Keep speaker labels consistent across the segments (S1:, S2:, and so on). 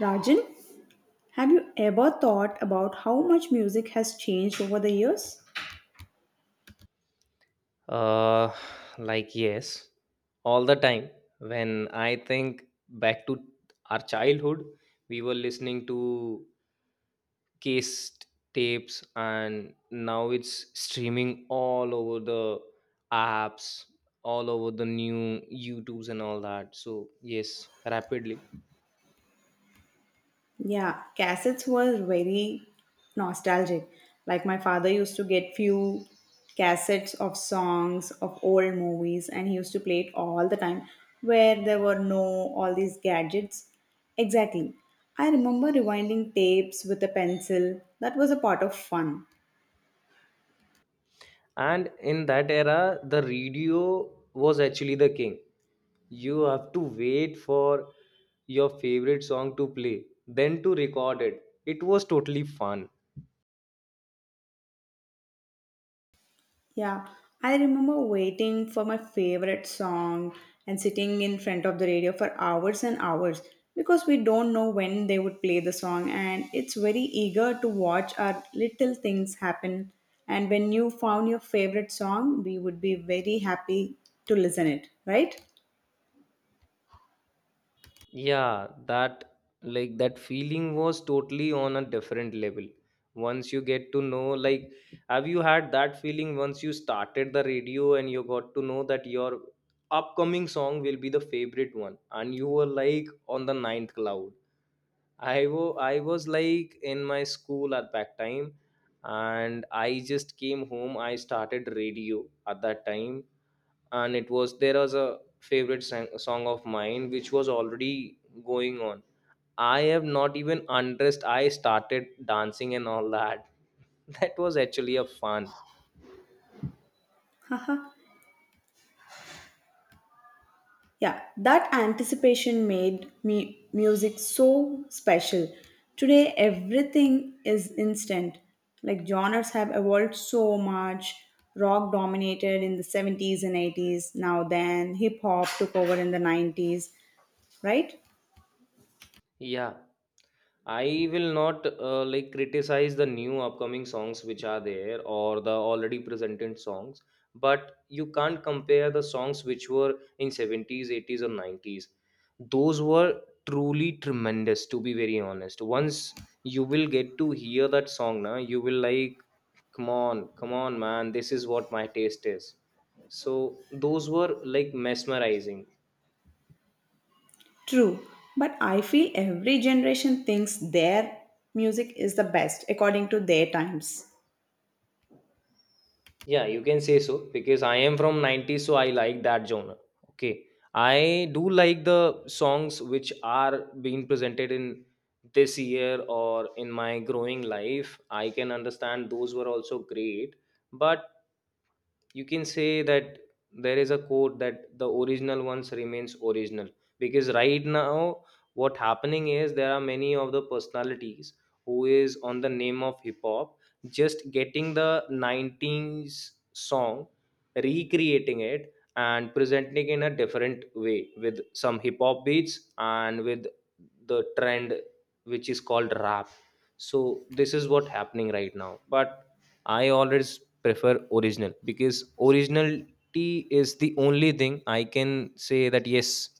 S1: Rajan, have you ever thought about how much music has changed over the years?
S2: Uh, like, yes, all the time. When I think back to our childhood, we were listening to case tapes, and now it's streaming all over the apps, all over the new YouTubes and all that. So, yes, rapidly.
S1: Yeah, cassettes were very nostalgic. Like my father used to get few cassettes of songs of old movies and he used to play it all the time where there were no all these gadgets. Exactly. I remember rewinding tapes with a pencil. That was a part of fun.
S2: And in that era, the radio was actually the king. You have to wait for your favorite song to play, then to record it. It was totally fun.
S1: Yeah, I remember waiting for my favorite song and sitting in front of the radio for hours and hours because we don't know when they would play the song and it's very eager to watch our little things happen and when you found your favorite song we would be very happy to listen it right.
S2: Yeah, that that feeling was totally on a different level. Once you get to know, like, have you had that feeling once you started the radio and you got to know that your upcoming song will be the favorite one, and you were like on the ninth cloud? I was like in my school at that time, and I just came home. I started radio at that time, and it was there was a favorite song of mine which was already going on. I have not even undressed. I started dancing and all that. That was actually a fun.
S1: Yeah, that anticipation made me music so special. Today everything is instant. Like genres have evolved so much. Rock dominated in the 70s and 80s. Now then hip hop took over in the 90s, right?
S2: Yeah, I will not like, criticize the new upcoming songs which are there or the already presented songs, but you can't compare the songs which were in 70s, 80s, or 90s. Those were truly tremendous, to be very honest. Once you will get to hear that song, na, you will like, come on, come on, man, this is what my taste is. So those were like mesmerizing.
S1: True. But I feel every generation thinks their music is the best according to their times.
S2: Yeah, you can say so because I am from 90s, so I like that genre. Okay. I do like the songs which are being presented in this year or in my growing life. I can understand those were also great. But you can say that there is a quote that the original ones remains original, because right now what happening is there are many of the personalities who is on the name of hip hop, just getting the 90s song, recreating it and presenting in a different way with some hip hop beats and with the trend which is called rap. So this is what happening right now, but I always prefer original, because originality is the only thing. I can say that yes,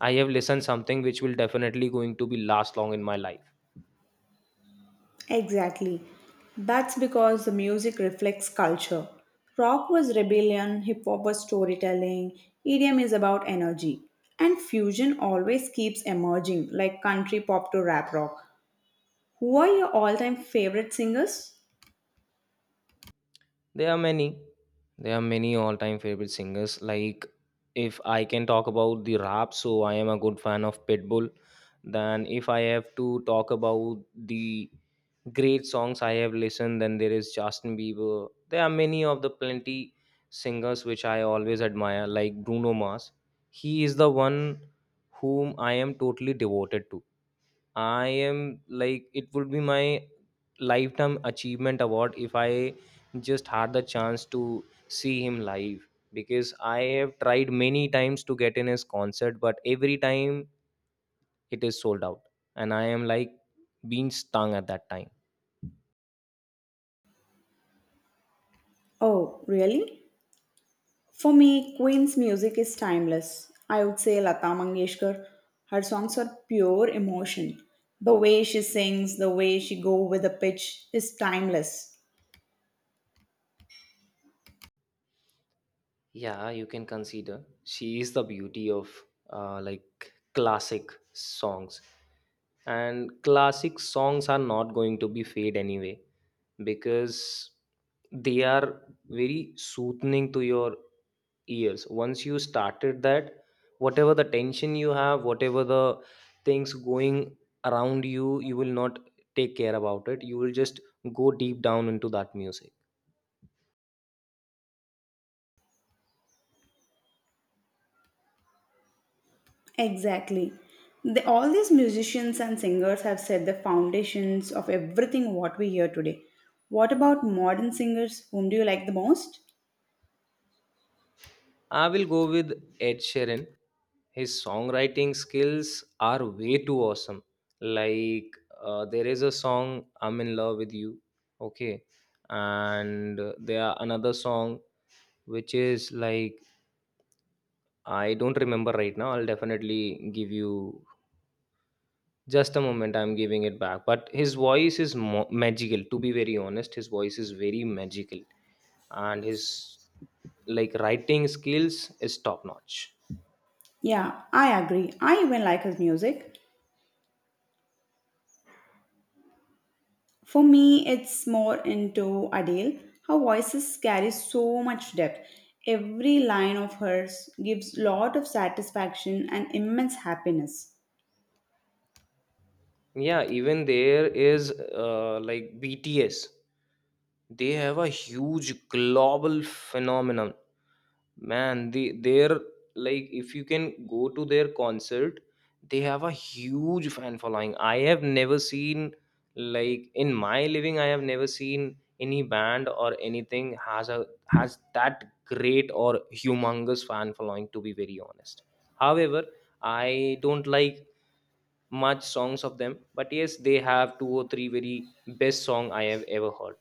S2: I have listened something which will definitely going to be last long in my life.
S1: Exactly. That's because the music reflects culture. Rock was rebellion, hip hop was storytelling, EDM is about energy. And fusion always keeps emerging, like country pop to rap rock. Who are your all time favorite singers?
S2: There are many. There are many all-time favorite singers. Like, if I can talk about the rap, so I am a good fan of Pitbull. Then if I have to talk about the great songs I have listened, then there is Justin Bieber. There are many of the plenty singers which I always admire, like Bruno Mars. He is the one whom I am totally devoted to. I am like, it would be my lifetime achievement award if I just had the chance to see him live, because I have tried many times to get in his concert, but every time it is sold out, and I am like being stung at that time.
S1: Oh, really? For me, Queen's music is timeless. I would say Lata Mangeshkar. Her songs are pure emotion. The way she sings, the way she go with the pitch is timeless.
S2: Yeah, you can consider she is the beauty of like, classic songs, and classic songs are not going to be fade anyway, because they are very soothing to your ears. Once you started that, whatever the tension you have, whatever the things going around you, you will not take care about it. You will just go deep down into that music.
S1: Exactly. All these musicians and singers have set the foundations of everything what we hear today. What about modern singers? Whom do you like the most?
S2: I will go with Ed Sheeran. His songwriting skills are way too awesome. Like, there is a song, I'm in Love with You. Okay. And there are another song which is like, I don't remember right now. I'll definitely give you just a moment. I'm giving it back. But his voice is magical. To be very honest, his voice is very magical, and his, like, writing skills is top notch.
S1: Yeah, I agree. I even like his music. For me, it's more into Adele. Her voices carry so much depth. Every line of hers gives lot of satisfaction and immense happiness.
S2: Yeah, even there is like, BTS. They have a huge global phenomenon. Man, they're like, if you can go to their concert, they have a huge fan following. I have never seen, like, in my living, I have never seen any band or anything has a has that great or humongous fan following, to be very honest. However, I don't like much songs of them, but yes, they have two or three very best song I have ever heard.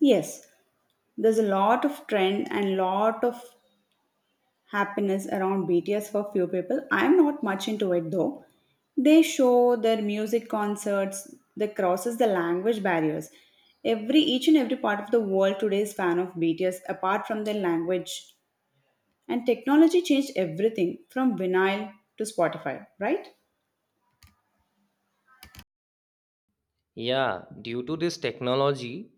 S1: Yes, there's a lot of trend and lot of happiness around BTS for few people. I'm not much into it though. They show their music concerts that crosses the language barriers. Every each and every part of the world today is fan of BTS apart from their language. And technology changed everything from vinyl to Spotify, right?
S2: Yeah, due to this technology,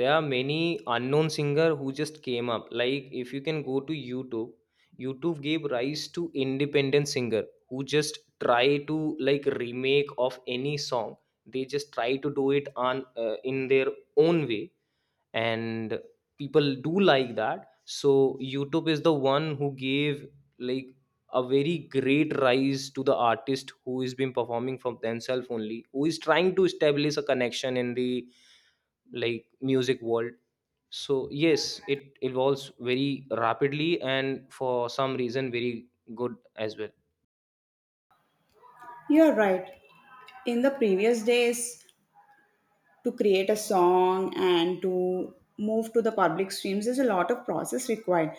S2: there are many unknown singer who just came up. Like, if you can go to YouTube, YouTube gave rise to independent singer who just try to like remake of any song. They just try to do it on in their own way, and people do like that. So YouTube is the one who gave, like, a very great rise to the artist who is been performing from themselves only, who is trying to establish a connection in the, like, music world. So yes, it evolves very rapidly, and for some reason, very good as well.
S1: You're right. In the previous days, to create a song and to move to the public streams there's a lot of process required.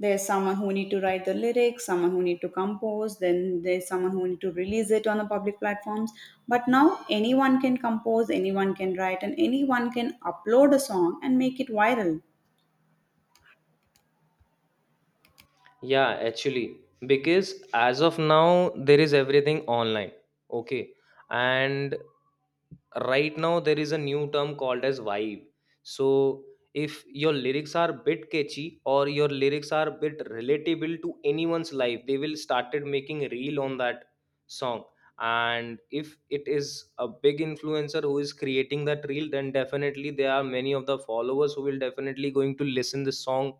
S1: There's someone who need to write the lyrics, someone who need to compose, then there's someone who need to release it on the public platforms, but now anyone can compose, anyone can write, and anyone can upload a song and make it viral.
S2: Yeah, actually, because as of now, there is everything online. Okay. And right now, there is a new term called as vibe. So, if your lyrics are bit catchy or your lyrics are bit relatable to anyone's life, they will started making reel on that song. And if it is a big influencer who is creating that reel, then definitely there are many of the followers who will definitely going to listen the song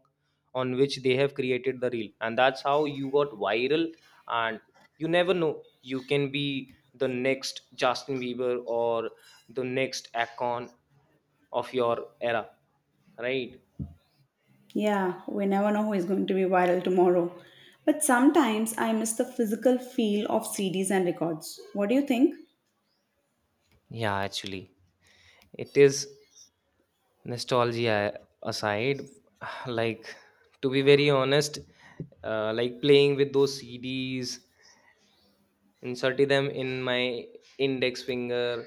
S2: on which they have created the reel, and that's how you got viral. And you never know, you can be the next Justin Bieber or the next icon of your era, right?
S1: Yeah, we never know who is going to be viral tomorrow. But sometimes I miss the physical feel of CDs and records. What do you think?
S2: Yeah, actually, it is nostalgia aside. Like, to be very honest, like, playing with those CDs, inserted them in my index finger.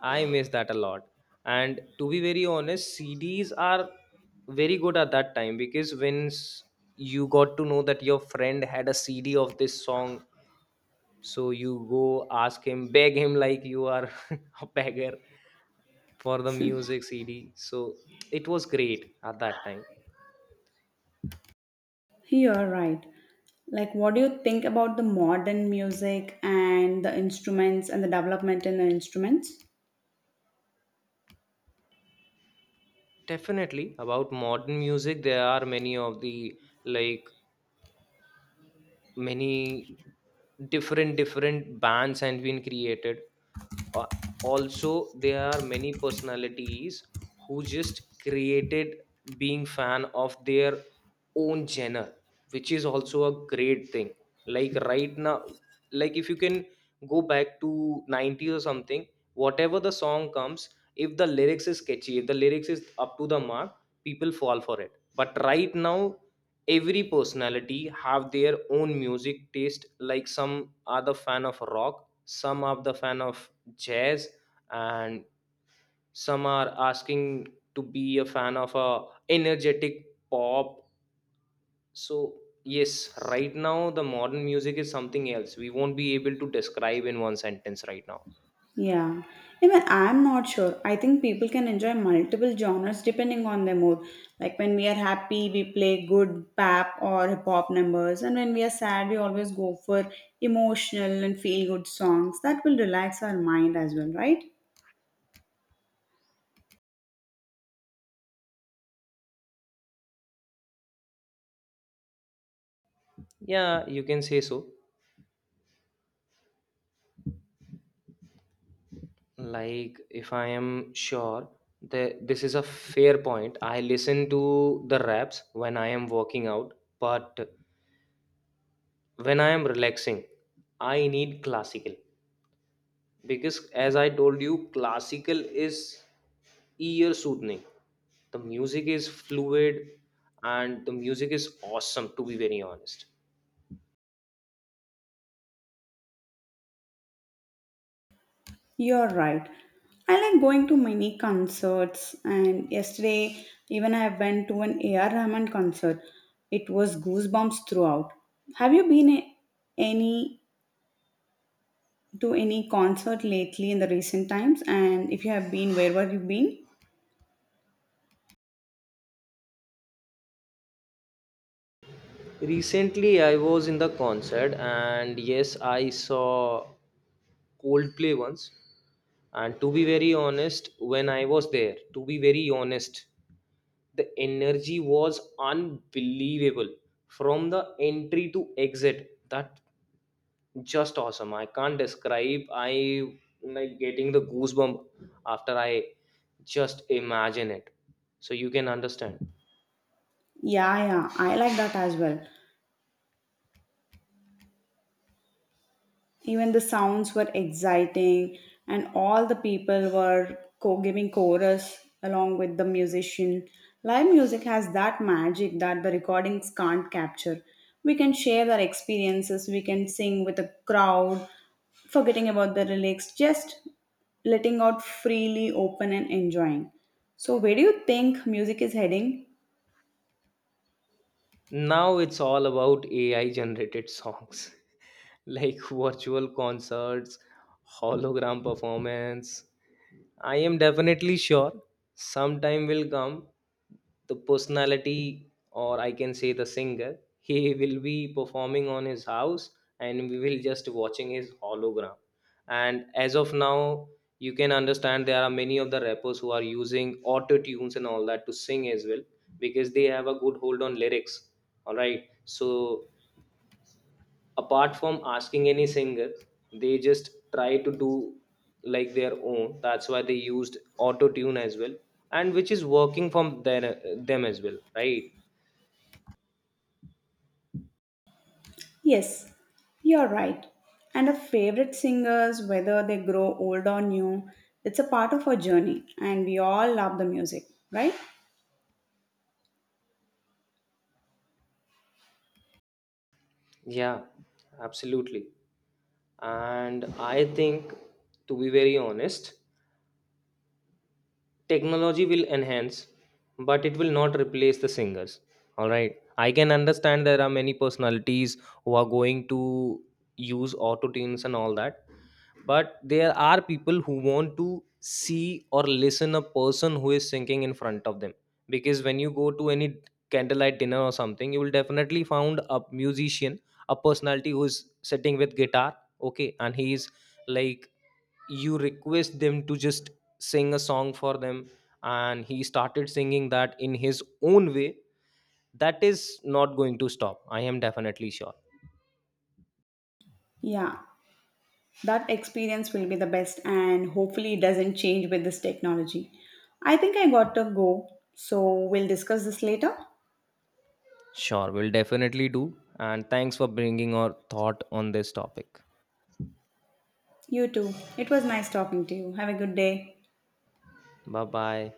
S2: I miss that a lot. And to be very honest, CDs are very good at that time, because when you got to know that your friend had a CD of this song, so you go ask him, beg him, like you are a beggar for the music CD. So it was great at that time.
S1: You're right. Like, what do you think about the modern music and the instruments and the development in the instruments?
S2: Definitely about modern music, there are many of the, like, many different different bands and been created. uh, Also, there are many personalities who just created being fan of their own genre, which is also a great thing. Like, right now, like, if you can go back to 90 or something, whatever the song comes, if the lyrics is catchy, if the lyrics is up to the mark, people fall for it. But right now, every personality have their own music taste. Like, some are the fan of rock, some are the fan of jazz, and some are asking to be a fan of a energetic pop. So yes, right now the modern music is something else. We won't be able to describe in one sentence right now.
S1: Yeah. Even I'm not sure. I think people can enjoy multiple genres depending on their mood. Like, when we are happy, we play good pop or hip hop numbers. And when we are sad, we always go for emotional and feel good songs. That will relax our mind as well, right?
S2: Yeah, you can say so. Like, if I am sure that this is a fair point, I listen to the raps when I am working out. But when I am relaxing, I need classical, because as I told you, classical is ear soothing. The music is fluid, and the music is awesome, to be very honest.
S1: You're right. I like going to many concerts, and yesterday, even I went to an AR Rahman concert. It was goosebumps throughout. Have you been any to any concert lately in the recent times? And if you have been, where were you been?
S2: Recently I was in the concert, and yes, I saw Coldplay once. And to be very honest, when I was there, to be very honest, the energy was unbelievable. From the entry to exit, that, just awesome. I can't describe. I like getting the goosebump after I just imagine it. So you can understand.
S1: Yeah, yeah, I like that as well. Even the sounds were exciting, and all the people were giving chorus along with the musician. Live music has that magic that the recordings can't capture. We can share our experiences, we can sing with a crowd, forgetting about the lyrics, just letting out freely, open, and enjoying. So, where do you think music is heading?
S2: Now it's all about AI generated songs, like virtual concerts, hologram performance. I am definitely sure sometime will come, the personality, or I can say the singer, he will be performing on his house, and we will just watching his hologram. And as of now, you can understand there are many of the rappers who are using auto tunes and all that to sing as well, because they have a good hold on lyrics. All right, so apart from asking any singer, they just try to do like their own. That's why they used auto tune as well, and which is working from their, them as well, right?
S1: Yes, you're right. And our favorite singers, whether they grow old or new, it's a part of our journey, and we all love the music, right?
S2: Yeah, absolutely. And I think, to be very honest, technology will enhance, but it will not replace the singers. All right, I can understand there are many personalities who are going to use auto tunes and all that, but there are people who want to see or listen a person who is singing in front of them. Because when you go to any candlelight dinner or something, you will definitely found a musician, a personality who is sitting with guitar. Okay, and he is like, you request them to just sing a song for them, and he started singing that in his own way. That is not going to stop, I am definitely sure.
S1: Yeah, that experience will be the best, and hopefully, it doesn't change with this technology. I think I got to go, so we'll discuss this later.
S2: Sure, we'll definitely do, and thanks for bringing our thought on this topic.
S1: You too. It was nice talking to you. Have a good day.
S2: Bye bye.